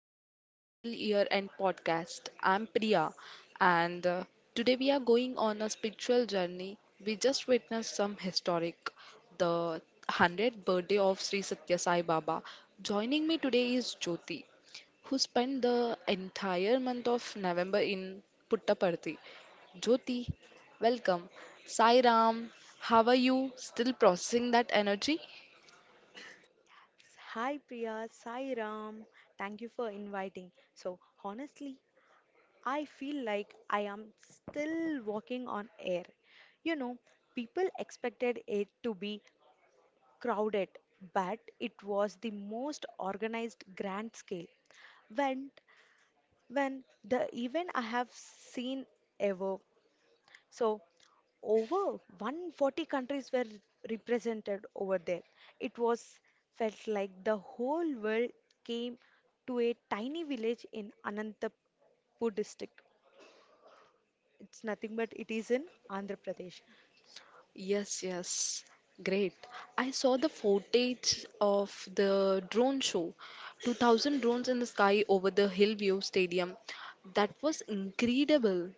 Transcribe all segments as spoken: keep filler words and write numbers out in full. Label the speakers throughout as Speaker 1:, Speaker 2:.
Speaker 1: welcome to our special year end podcast. I'm Priya, and uh, today we are going on a spiritual journey. We just witnessed some historic, the hundredth birthday of Sri Satya Sai Baba. Joining me today is Jyoti, who spent the entire month of November in Puttaparthi. Jyoti, welcome. Sai Ram, how are you? Still processing that energy?
Speaker 2: Hi Priya, Sai Ram. Thank you for inviting. So, honestly, I feel like I am still walking on air. You know, people expected it to be crowded, but it was the most organized grand scale when when the event I have seen ever. So over one hundred forty countries were represented over there. It was felt like the whole world came to a tiny village in Anantapur district. It's nothing but it is in Andhra Pradesh.
Speaker 1: Yes, yes. Great. I saw the footage of the drone show. two thousand drones in the sky over the Hillview Stadium. That was incredible.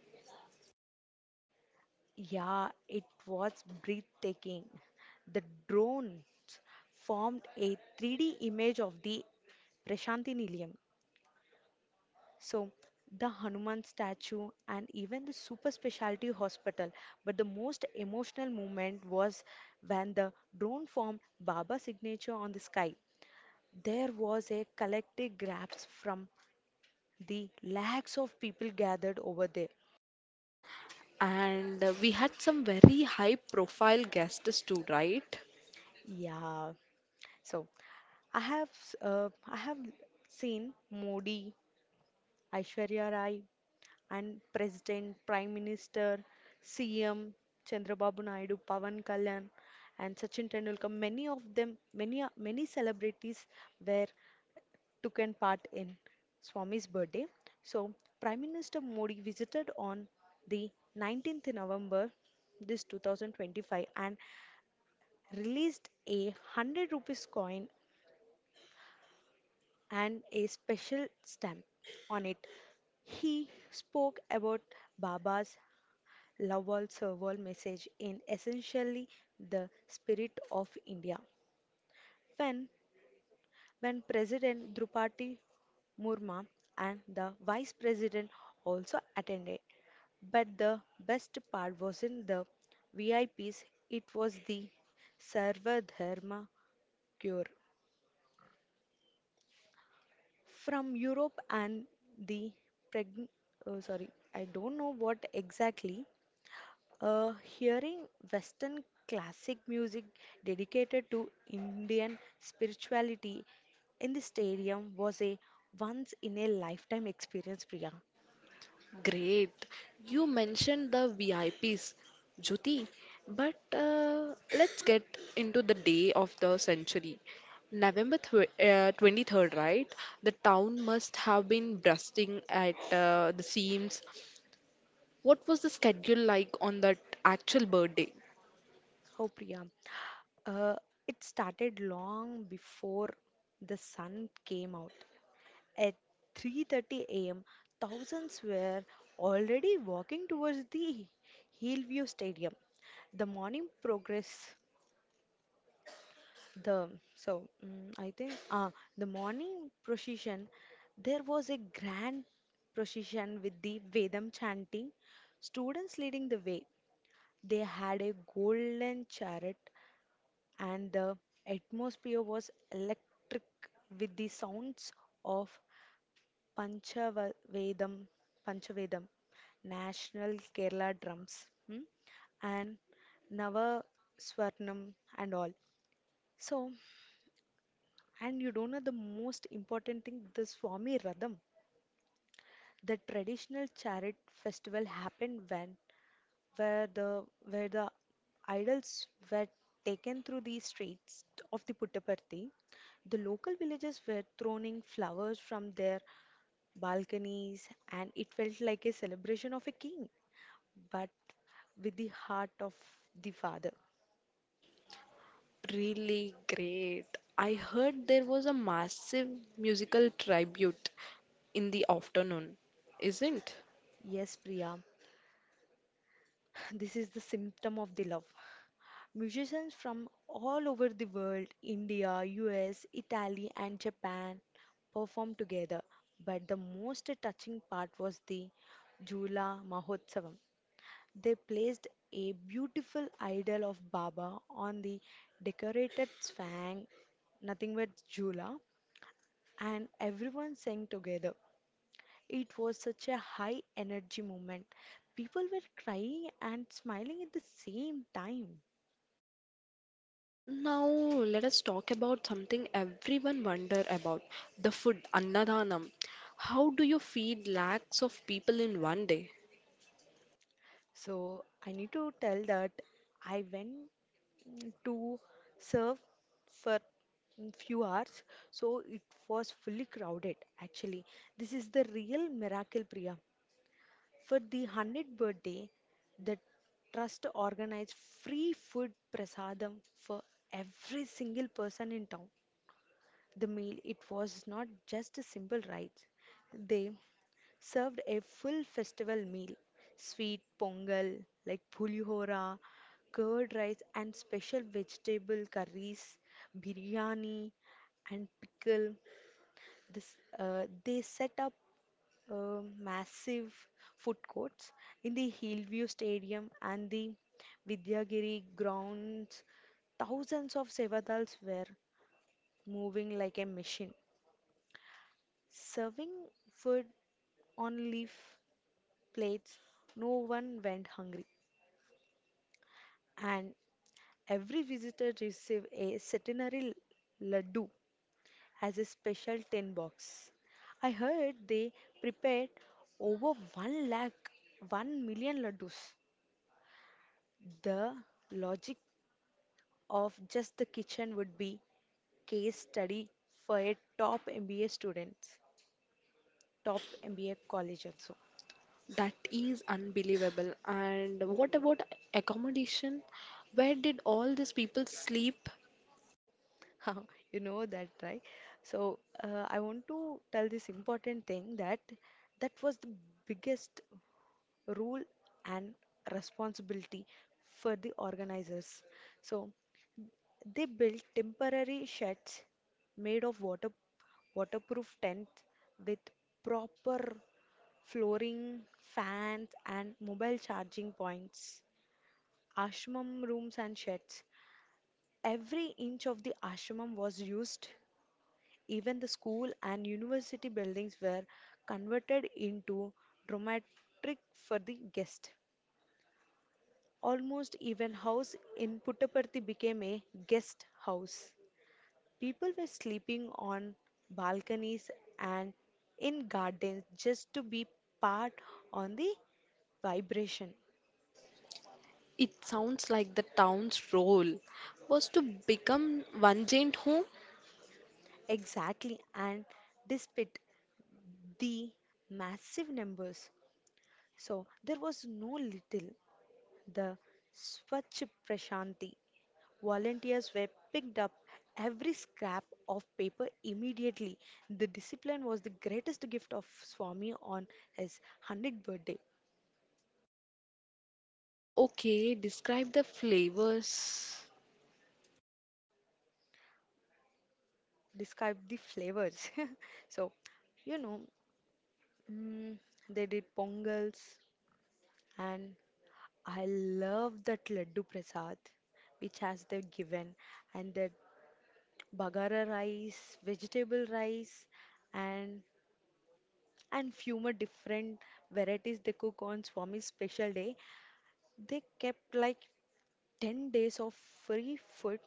Speaker 2: Yeah, it was breathtaking. The drones formed a three D image of the Prashanthi Nilayam. So, the Hanuman statue and even the super specialty hospital. But the most emotional moment was when the drone formed Baba's signature on the sky. There was a collective grasp from the lakhs of people gathered over there.
Speaker 1: And uh, We had some very high profile guests too, right?
Speaker 2: Yeah. So, I have s- uh, I have seen Modi, Aishwarya Rai, and President, Prime Minister, C M, Chandrababu Naidu, Pavan Kalyan, and Sachin Tendulkar, many of them, many many celebrities were taken part in Swami's birthday. So Prime Minister Modi visited on the nineteenth November this two thousand twenty-five and released a one hundred rupees coin and a special stamp on it. He spoke about Baba's love wall serval message in essentially the spirit of India. When when President Drupati Murma and the Vice President also attended. But the best part wasn't the V I Ps, it was the Sarva Dharma cure. From Europe and the preg- oh, sorry, I don't know what exactly Uh, hearing Western classic music dedicated to Indian spirituality in the stadium was a once in a lifetime experience, Priya.
Speaker 1: Great. You mentioned the V I Ps, Jyoti, but uh, let's get into the day of the century. November tw uh, twenty-third, right? The town must have been bursting at uh, the seams. What was the schedule like on that actual birthday?
Speaker 2: How, Priya? Uh, it started long before the sun came out. At three thirty a m, thousands were already walking towards the Hillview Stadium. The morning progress The so mm, I think uh, The morning procession, there was a grand procession with the Vedam chanting, students leading the way. They had a golden chariot, and the atmosphere was electric with the sounds of Panchavedam, Panchavedam, national Kerala drums, hmm, and Nava Swarnam and all. So. And you don't know the most important thing, the Swami Radham, the traditional chariot festival happened when where the where the idols were taken through the streets of the Puttaparthi. The local villagers were throwing flowers from their balconies and it felt like a celebration of a king, but with the heart of the father.
Speaker 1: Really great. I heard there was a massive musical tribute in the afternoon, isn't?
Speaker 2: Yes, Priya, this is the symptom of the love. Musicians from all over the world, India, U S, Italy, and Japan, performed together. But the most touching part was the Jula Mahotsavam. They placed a beautiful idol of Baba on the decorated swang, nothing but Jula, and everyone sang together. It was such a high energy moment. People were crying and smiling at the same time.
Speaker 1: Now, let us talk about something everyone wonder about, the food annadhanam. How do you feed lakhs of people in one day?
Speaker 2: So I need to tell that I went mm, to serve for mm, few hours, so it was fully crowded. Actually, this is the real miracle, Priya. For the hundredth birthday, the trust organized free food prasadam for every single person in town. The meal, it was not just a simple rice. They served a full festival meal. Sweet pongal like pulihora, curd rice and special vegetable curries, biryani and pickle. This, uh, they set up uh, massive food courts in the Hillview Stadium and the Vidyagiri grounds. Thousands of Sevadals were moving like a machine, serving food on leaf plates. No one went hungry, and every visitor received a centenary laddu as a special tin box. I heard they prepared over one lakh, one million laddus. The logic of just the kitchen would be case study for a top M B A students, top M B A college also.
Speaker 1: That is unbelievable. And what about accommodation? Where did all these people sleep?
Speaker 2: You know that, right? So uh, I want to tell this important thing, that that was the biggest rule and responsibility for the organizers. So they built temporary sheds made of water waterproof tents with proper flooring, fans, and mobile charging points, ashram rooms and sheds. Every inch of the ashram was used, even the school and university buildings were converted into dramatic for the guest. Almost even house in Puttaparthi became a guest house. People were sleeping on balconies and in gardens just to be part on the vibration.
Speaker 1: It sounds like the town's role was to become one giant home.
Speaker 2: Exactly, and despite the massive numbers, so there was no little the Swachh Prashanti Volunteers were picked up every scrap of paper immediately. The discipline was the greatest gift of Swami on his hundredth birthday.
Speaker 1: Okay, describe the flavors.
Speaker 2: Describe the flavors. So, you know, mm, they did pongals, and I love that laddu prasad which has they given, and that bagara rice, vegetable rice, and and few more different varieties they cook on Swami's special day. They kept like ten days of free food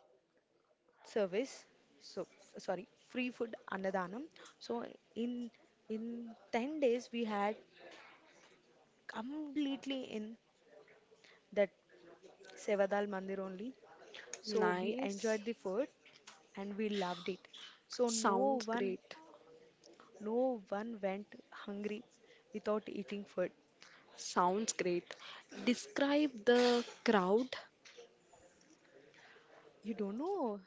Speaker 2: service. So, f- sorry, free food annadanam. So, in in ten days, we had completely in that Sevadal Mandir only. So, we
Speaker 1: Nice.
Speaker 2: enjoyed the food and we loved it. So, no
Speaker 1: Sounds
Speaker 2: one,
Speaker 1: great.
Speaker 2: no one went hungry without eating food.
Speaker 1: Sounds great. Describe the crowd.
Speaker 2: You don't know.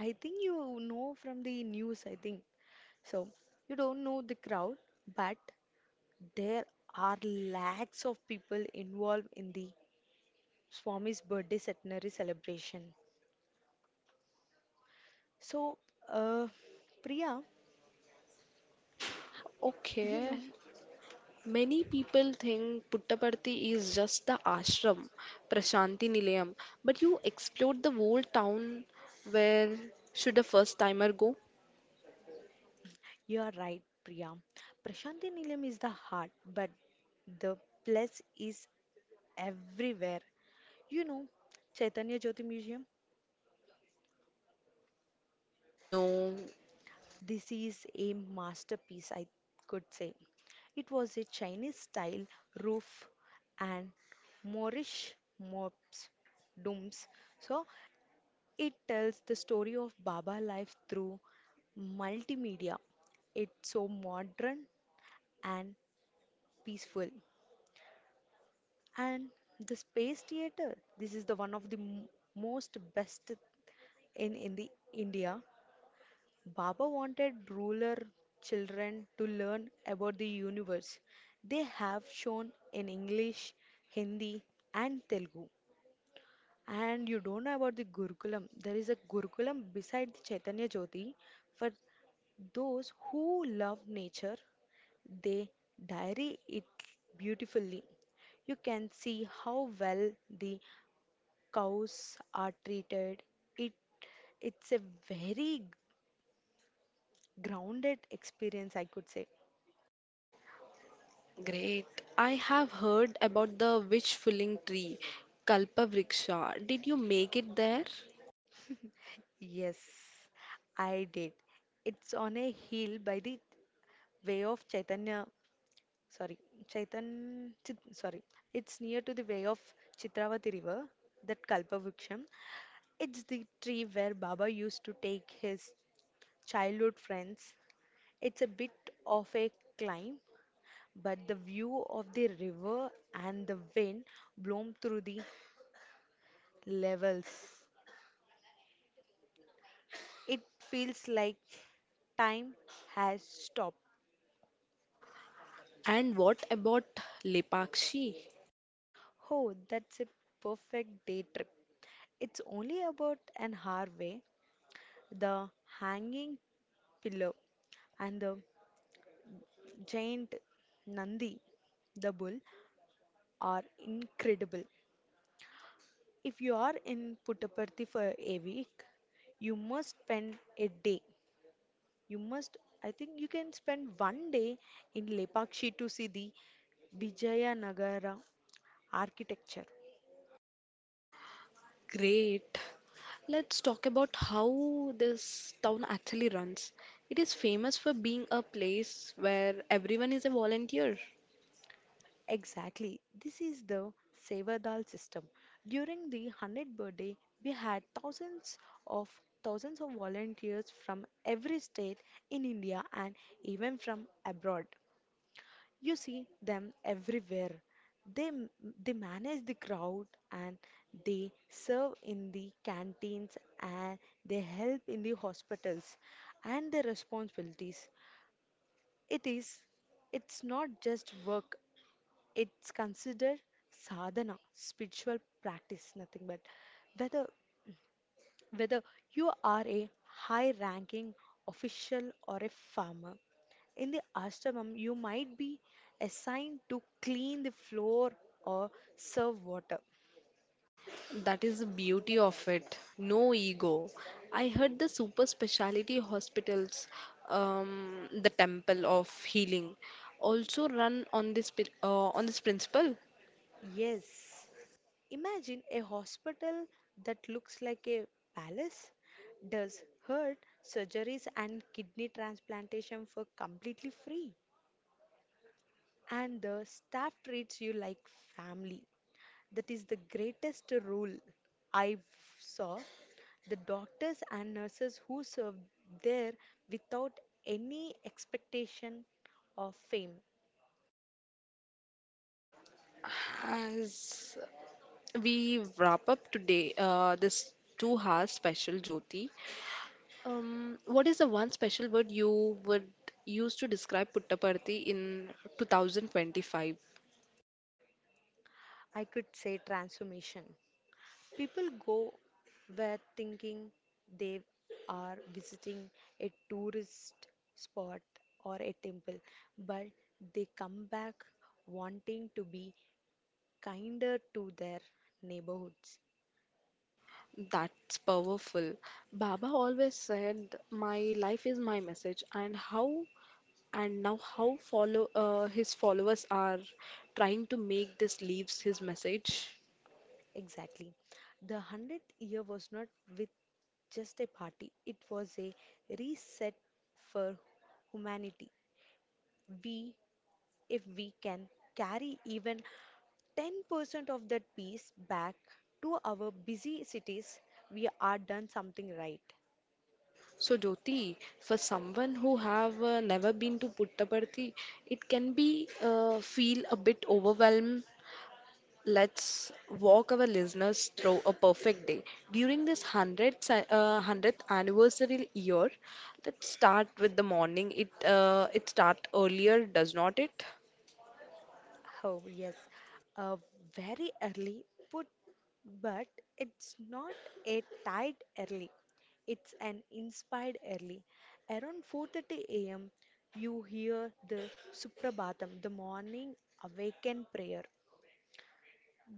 Speaker 2: I think you know from the news, I think. So, you don't know the crowd, but there are lakhs of people involved in the Swami's birthday centenary celebration. So, uh, Priya, you
Speaker 1: Okay.
Speaker 2: know,
Speaker 1: Many people think Puttaparthi is just the ashram, Prashanti Nilayam, but you explored the whole town. Where should a first timer go?
Speaker 2: you are right, Priya. Prashanthi Nilayam is the heart, but the place is everywhere. You know, Chaitanya Jyoti Museum,
Speaker 1: No,
Speaker 2: this is a masterpiece, I could say. It was a Chinese style roof and Moorish mobs, domes. So it tells the story of Baba life through multimedia. It's so modern and peaceful. And the space theater, this is the one of the m- most best in in the India. Baba wanted rural children to learn about the universe. They have shown in English, Hindi, and Telugu. And you don't know about the Gurukulam. There is a Gurukulam beside the Chaitanya Jyoti for those who love nature. They diary it beautifully. You can see how well the cows are treated. It it's a very grounded experience, I could say.
Speaker 1: great. I have heard about the wish filling tree, Kalpavriksha. Did you make it there?
Speaker 2: Yes, I did. It's on a hill by the way of Chaitanya sorry, Chaitan, Chit, sorry, it's near to the way of Chitravati river, that Kalpavriksham. It's the tree where Baba used to take his childhood friends. It's a bit of a climb, but the view of the river and the wind blown through the levels, it feels like time has stopped.
Speaker 1: And what about Lepakshi?
Speaker 2: Oh, that's a perfect day trip. It's only about an hour away, the hanging pillow, and the giant Nandi, the bull, are incredible. If you are in Puttaparthi for a week, you must spend a day. You must, I think, you can spend one day in Lepakshi to see the Vijayanagara architecture.
Speaker 1: Great. Let's talk about how this town actually runs. It is famous for being a place where everyone is a volunteer.
Speaker 2: Exactly. This is the Sevadal system. During the hundredth birthday, we had thousands of thousands of volunteers from every state in India and even from abroad. You see them everywhere. They m- they manage the crowd and they serve in the canteens and they help in the hospitals and their responsibilities. It is, it's not just work, it's considered sadhana, spiritual practice, nothing but whether whether you are a high-ranking official or a farmer. In the ashramam, you might be assigned to clean the floor or serve water.
Speaker 1: That is the beauty of it. No ego. I heard the super specialty hospitals, um, the Temple of Healing, also run on this pi- uh, on this principle.
Speaker 2: Yes. Imagine a hospital that looks like a palace, does heart surgeries and kidney transplantation for completely free, and the staff treats you like family. That is the greatest rule I saw. The doctors and nurses who serve there without any expectation of fame.
Speaker 1: As we wrap up today, uh, this two hour special, Jyoti. Um, what is the one special word you would use to describe Puttaparthi in twenty twenty-five?
Speaker 2: I could say transformation. People go where thinking they are visiting a tourist spot or a temple, but they come back wanting to be kinder to their neighborhoods.
Speaker 1: That's powerful. Baba always said, "My life is my message," and how and now how follow uh, his followers are trying to make this leaves his message.
Speaker 2: Exactly. The hundredth year was not with just a party, it was a reset for humanity. We, if we can carry even ten percent of that peace back to our busy cities, we are done something right.
Speaker 1: So Jyoti, for someone who have uh, never been to Puttaparthi, it can be uh, feel a bit overwhelmed. Let's walk our listeners through a perfect day. During this hundredth, uh, hundredth anniversary year, let's start with the morning. It, uh, it start earlier, does not it?
Speaker 2: Oh, yes, uh, very early, but, but it's not a tight early. It's an inspired early. Around four thirty a m, you hear the Suprabhatam, the morning awakened prayer.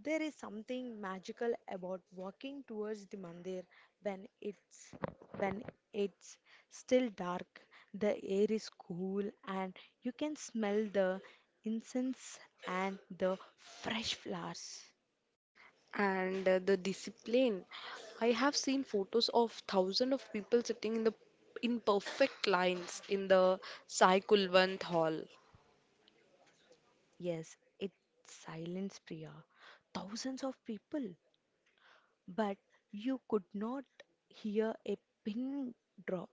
Speaker 2: There is something magical about walking towards the mandir when it's when it's still dark, the air is cool and you can smell the incense and the fresh flowers.
Speaker 1: And uh, the discipline. I have seen photos of thousands of people sitting in the in perfect lines in the Sai Kulwant Hall.
Speaker 2: Yes, it's silence, Priya. Thousands of people, but you could not hear a pin drop.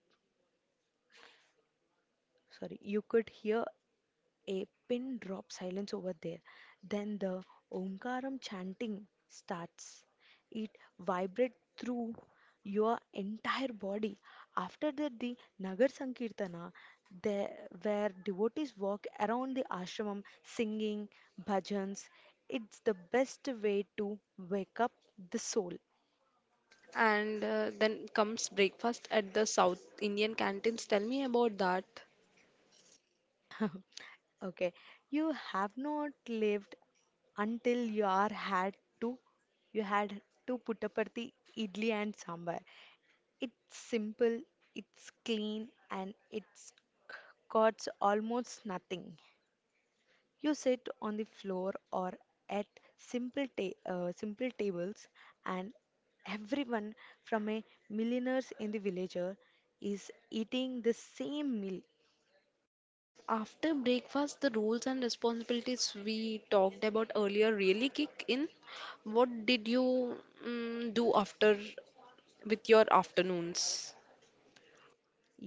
Speaker 2: Sorry, you could hear a pin drop silence over there. Then the Omkaram chanting starts. It vibrates through your entire body. After that, the Nagar Sankirtana, there, where devotees walk around the ashram singing bhajans, it's the best way to wake up the soul.
Speaker 1: And uh, Then comes breakfast at the South Indian canteens. Tell me about that.
Speaker 2: Okay, you have not lived until you are had to you had to puttaparthi idli and sambar. It's simple, it's clean, and it's costs almost nothing. You sit on the floor or at simple ta- uh, simple tables, and everyone from a millionaires in the villager is eating the same meal.
Speaker 1: After breakfast, the roles and responsibilities we talked about earlier really kick in. What did you mm, do after with your afternoons?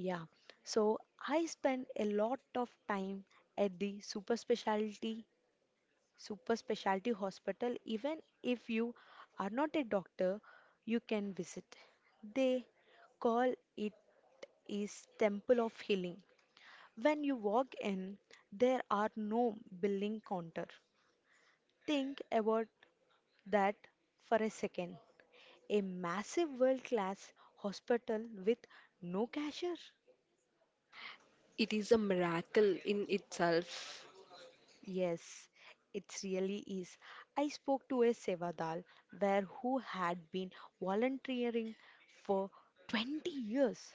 Speaker 2: Yeah, so I spend a lot of time at the super specialty super specialty hospital. Even if you are not a doctor, you can visit. They call it is temple of healing. When you walk in, there are no billing counter. Think about that for a second. A massive world class hospital with no cashier.
Speaker 1: It is a miracle in itself.
Speaker 2: Yes, it really is. I spoke to a Sevadal where who had been volunteering for twenty years.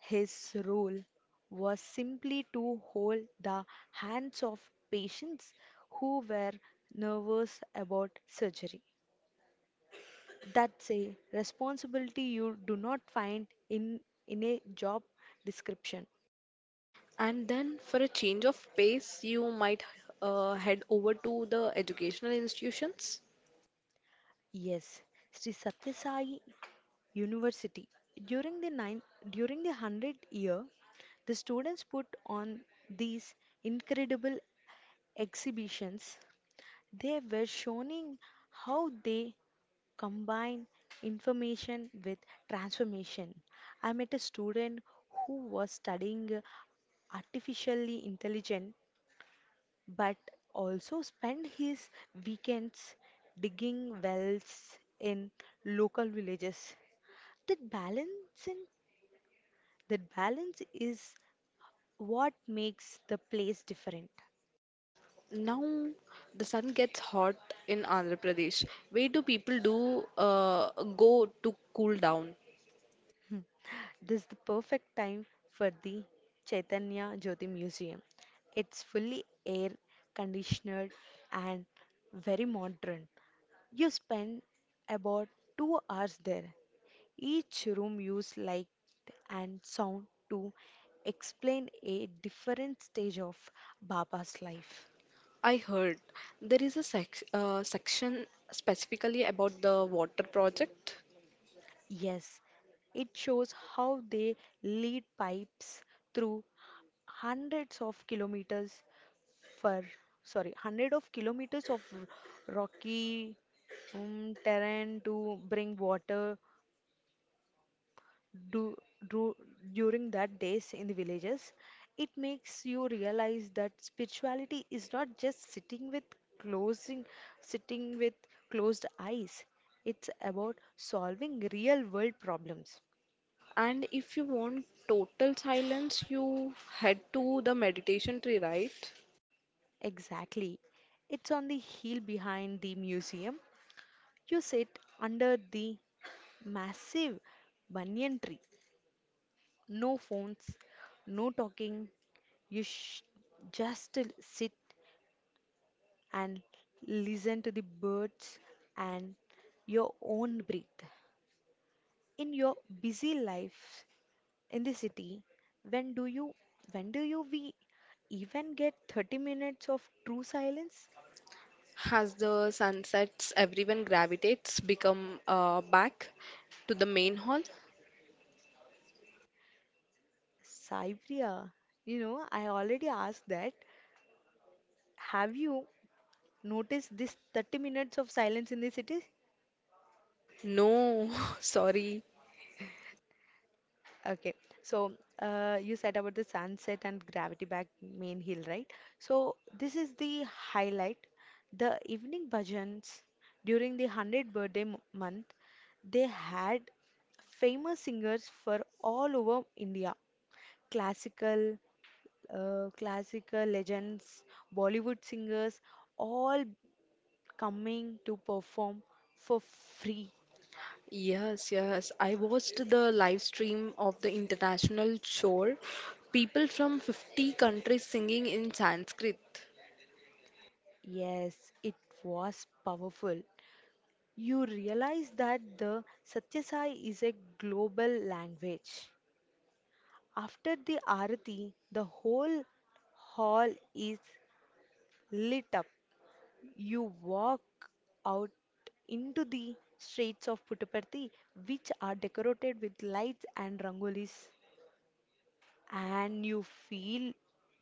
Speaker 2: His role was simply to hold the hands of patients who were nervous about surgery. That's a responsibility you do not find in in a job description.
Speaker 1: And then, for a change of pace, you might uh, head over to the educational institutions.
Speaker 2: Yes, Sri Satyasai University. During the nine, During the one hundredth year, the students put on these incredible exhibitions. They were showing how they combine information with transformation. I met a student who was studying uh, artificially intelligent but also spent his weekends digging wells in local villages. That balancing That balance is what makes the place different.
Speaker 1: Now, the sun gets hot in Andhra Pradesh. Where do people do uh, go to cool down?
Speaker 2: This is the perfect time for the Chaitanya Jyoti Museum. It's fully air conditioned and very modern. You spend about two hours there. Each room uses light and sound to explain a different stage of Baba's life.
Speaker 1: I heard there is a sec uh, section specifically about the water project,
Speaker 2: Yes, it shows how they lead pipes through hundreds of kilometers for sorry, hundred of kilometers of r- rocky um, terrain to bring water do, do during that days in the villages. It makes you realize that spirituality is not just sitting with closing sitting with closed eyes. It's about solving real world problems.
Speaker 1: and if you want total silence, you head to the meditation tree, right?
Speaker 2: Exactly. It's on the hill behind the museum. You sit under the massive banyan tree. No phones, no talking. You sh- just sit and listen to the birds and your own breath. In your busy life in the city, when do you when do you we even get thirty minutes of true silence?
Speaker 1: Has the sunsets everyone gravitates become uh, back to the main hall?
Speaker 2: Saipriya, you know, I already asked that. Have you noticed this thirty minutes of silence in the city?
Speaker 1: No, sorry.
Speaker 2: Okay, so uh, you said about the sunset and gravity back main hill, right? So this is the highlight. The evening bhajans during the one hundredth birthday m- month, they had famous singers for all over India. Classical, uh, classical legends, Bollywood singers, all coming to perform for free.
Speaker 1: Yes, yes. I watched the live stream of the international show. People from fifty countries singing in Sanskrit.
Speaker 2: Yes, it was powerful. You realize that the Satyasai is a global language. After the Arati, the whole hall is lit up. You walk out into the streets of Puttaparthi, which are decorated with lights and rangolis, and you feel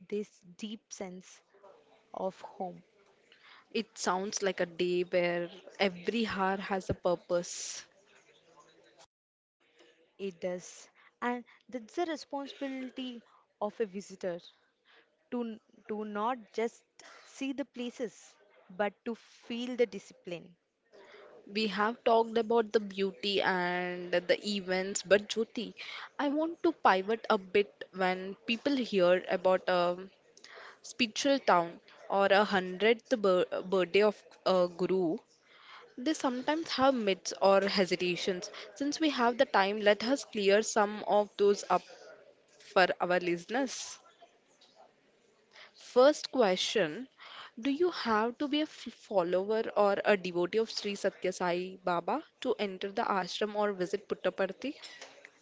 Speaker 2: this deep sense of home.
Speaker 1: It sounds like a day where every hour has a purpose.
Speaker 2: It does. And that's the responsibility of a visitor to, to not just see the places, but to feel the discipline.
Speaker 1: We have talked about the beauty and the events, but Jyoti, I want to pivot a bit when people hear about a spiritual town or a hundredth bir- birthday of a guru. They sometimes have myths or hesitations. Since we have the time, let us clear some of those up for our listeners. First question, do you have to be a f- follower or a devotee of Sri Satya Sai Baba to enter the ashram or visit Puttaparthi?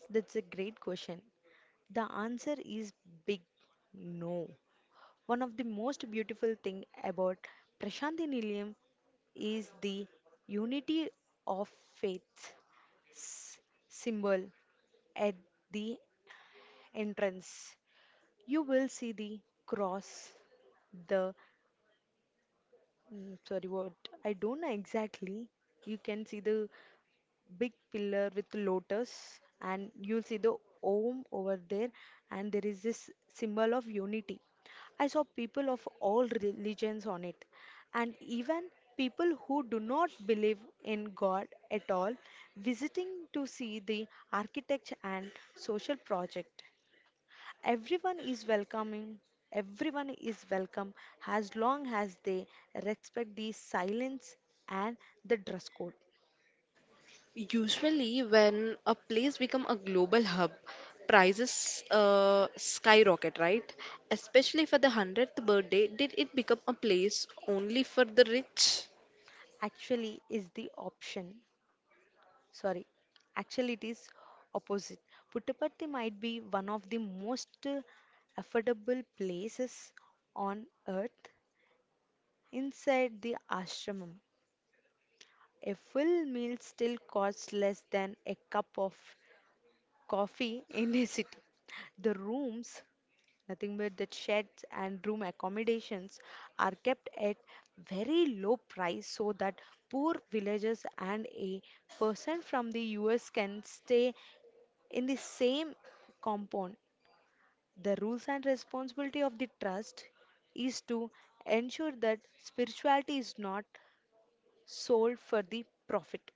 Speaker 2: That's a great question. The answer is big no. One of the most beautiful thing about Prashanthi Nilayam is the unity of faith symbol at the entrance. You will see the cross, the Mm, sorry, what? I don't know exactly. You can see the big pillar with lotus, and you'll see the Om over there, and there is this symbol of unity. I saw people of all religions on it, and even people who do not believe in God at all visiting to see the architecture and social project. Everyone is welcoming, everyone is welcome as long as they respect the silence and the dress code.
Speaker 1: Usually, when a place become a global hub, prices uh, skyrocket, right? Especially for the hundredth birthday, did it become a place only for the rich?
Speaker 2: Actually, is the option. Sorry, actually, it is opposite. Puttaparthi might be one of the most uh, affordable places on earth inside the ashramam. A full meal still costs less than a cup of coffee in a city. The rooms, nothing but that sheds and room accommodations are kept at very low price so that poor villagers and a person from the U S can stay in the same compound. The rules and responsibility of the trust is to ensure that spirituality is not sold for the profit.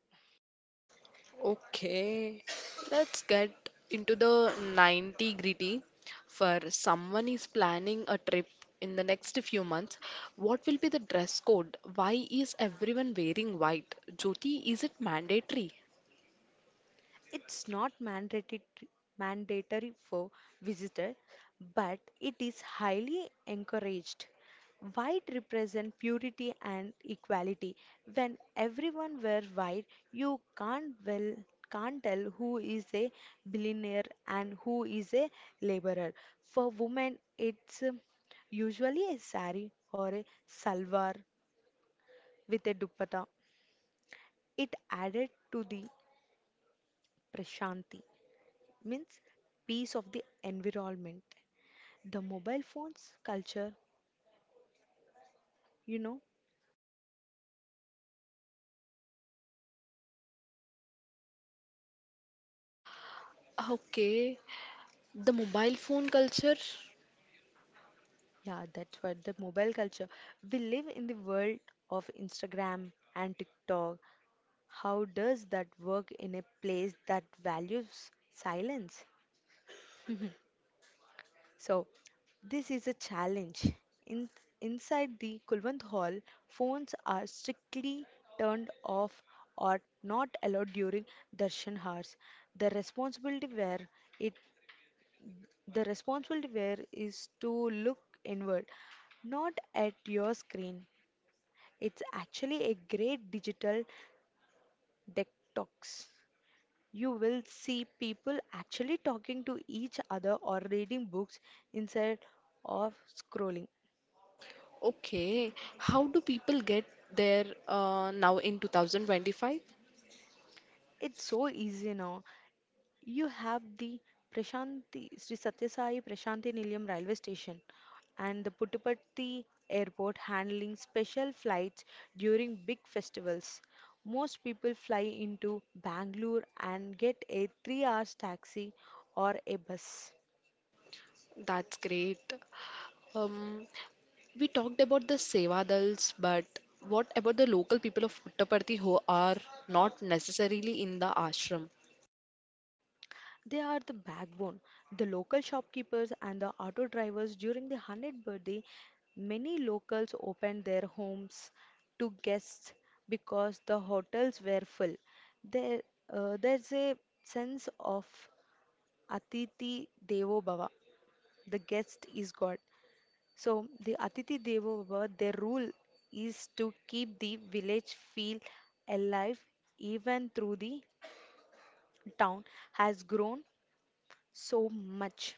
Speaker 1: Okay, let's get into the ninety gritty. For someone is planning a trip in the next few months, what will be the dress code? Why is everyone wearing white? Jyoti, is it mandatory?
Speaker 2: It's not mandatory mandatory for visitors, but it is highly encouraged. White represent purity and equality. When everyone wear white, you can't well can't tell who is a billionaire and who is a laborer. For women, it's um, usually a sari or a salwar with a dupatta. It added to the prashanti. Means peace of the environment. The mobile phones culture, you know,
Speaker 1: Okay, the mobile phone culture.
Speaker 2: yeah, that's what the mobile culture. We live in the world of Instagram and TikTok. How does that work in a place that values silence? So, this is a challenge. In, inside the Kulwant Hall, phones are strictly turned off or not allowed during darshan hours. The responsibility where it The responsibility where is to look inward, not at your screen. It's actually a great digital detox. You will see people actually talking to each other or reading books instead of scrolling.
Speaker 1: Okay, how do people get there uh, now in twenty twenty-five?
Speaker 2: It's so easy now. You have the Prashanthi Sri Satyasai Prashanthi Nilayam railway station and the Puttaparthi airport handling special flights during big festivals. Most people fly into Bangalore and get a three hours taxi or a bus.
Speaker 1: That's great. Um, We talked about the Sevadals, but what about the local people of Puttaparthi who are not necessarily in the ashram?
Speaker 2: They are the backbone. The local shopkeepers and the auto drivers during the one hundredth birthday, many locals opened their homes to guests because the hotels were full. There, uh, there's a sense of Atiti Devo Bhava, the guest is God. So, the Atiti Devo Bhava, their rule is to keep the village feel alive even through the town has grown so much.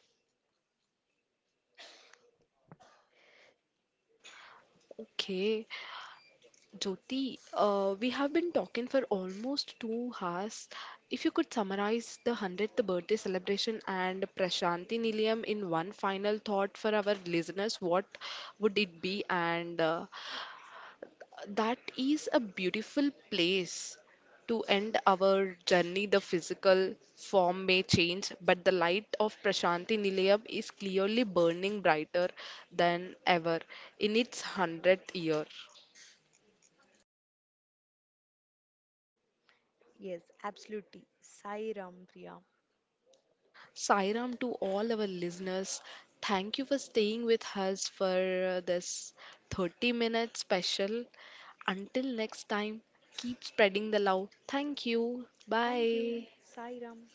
Speaker 1: Okay, Jyoti, uh, we have been talking for almost two hours. If you could summarize the hundredth birthday celebration and Prashanti Nilayam in one final thought for our listeners, what would it be? And uh, That is a beautiful place to end our journey. The physical form may change, but the light of Prashanti Nilayam is clearly burning brighter than ever in its hundredth year.
Speaker 2: Yes, absolutely. Sai Ram, Priya.
Speaker 1: Sairam, to all our listeners, thank you for staying with us for this thirty minute special. Until next time, keep spreading the love. Thank you.
Speaker 2: Thank
Speaker 1: Bye.
Speaker 2: you. Sai Ram.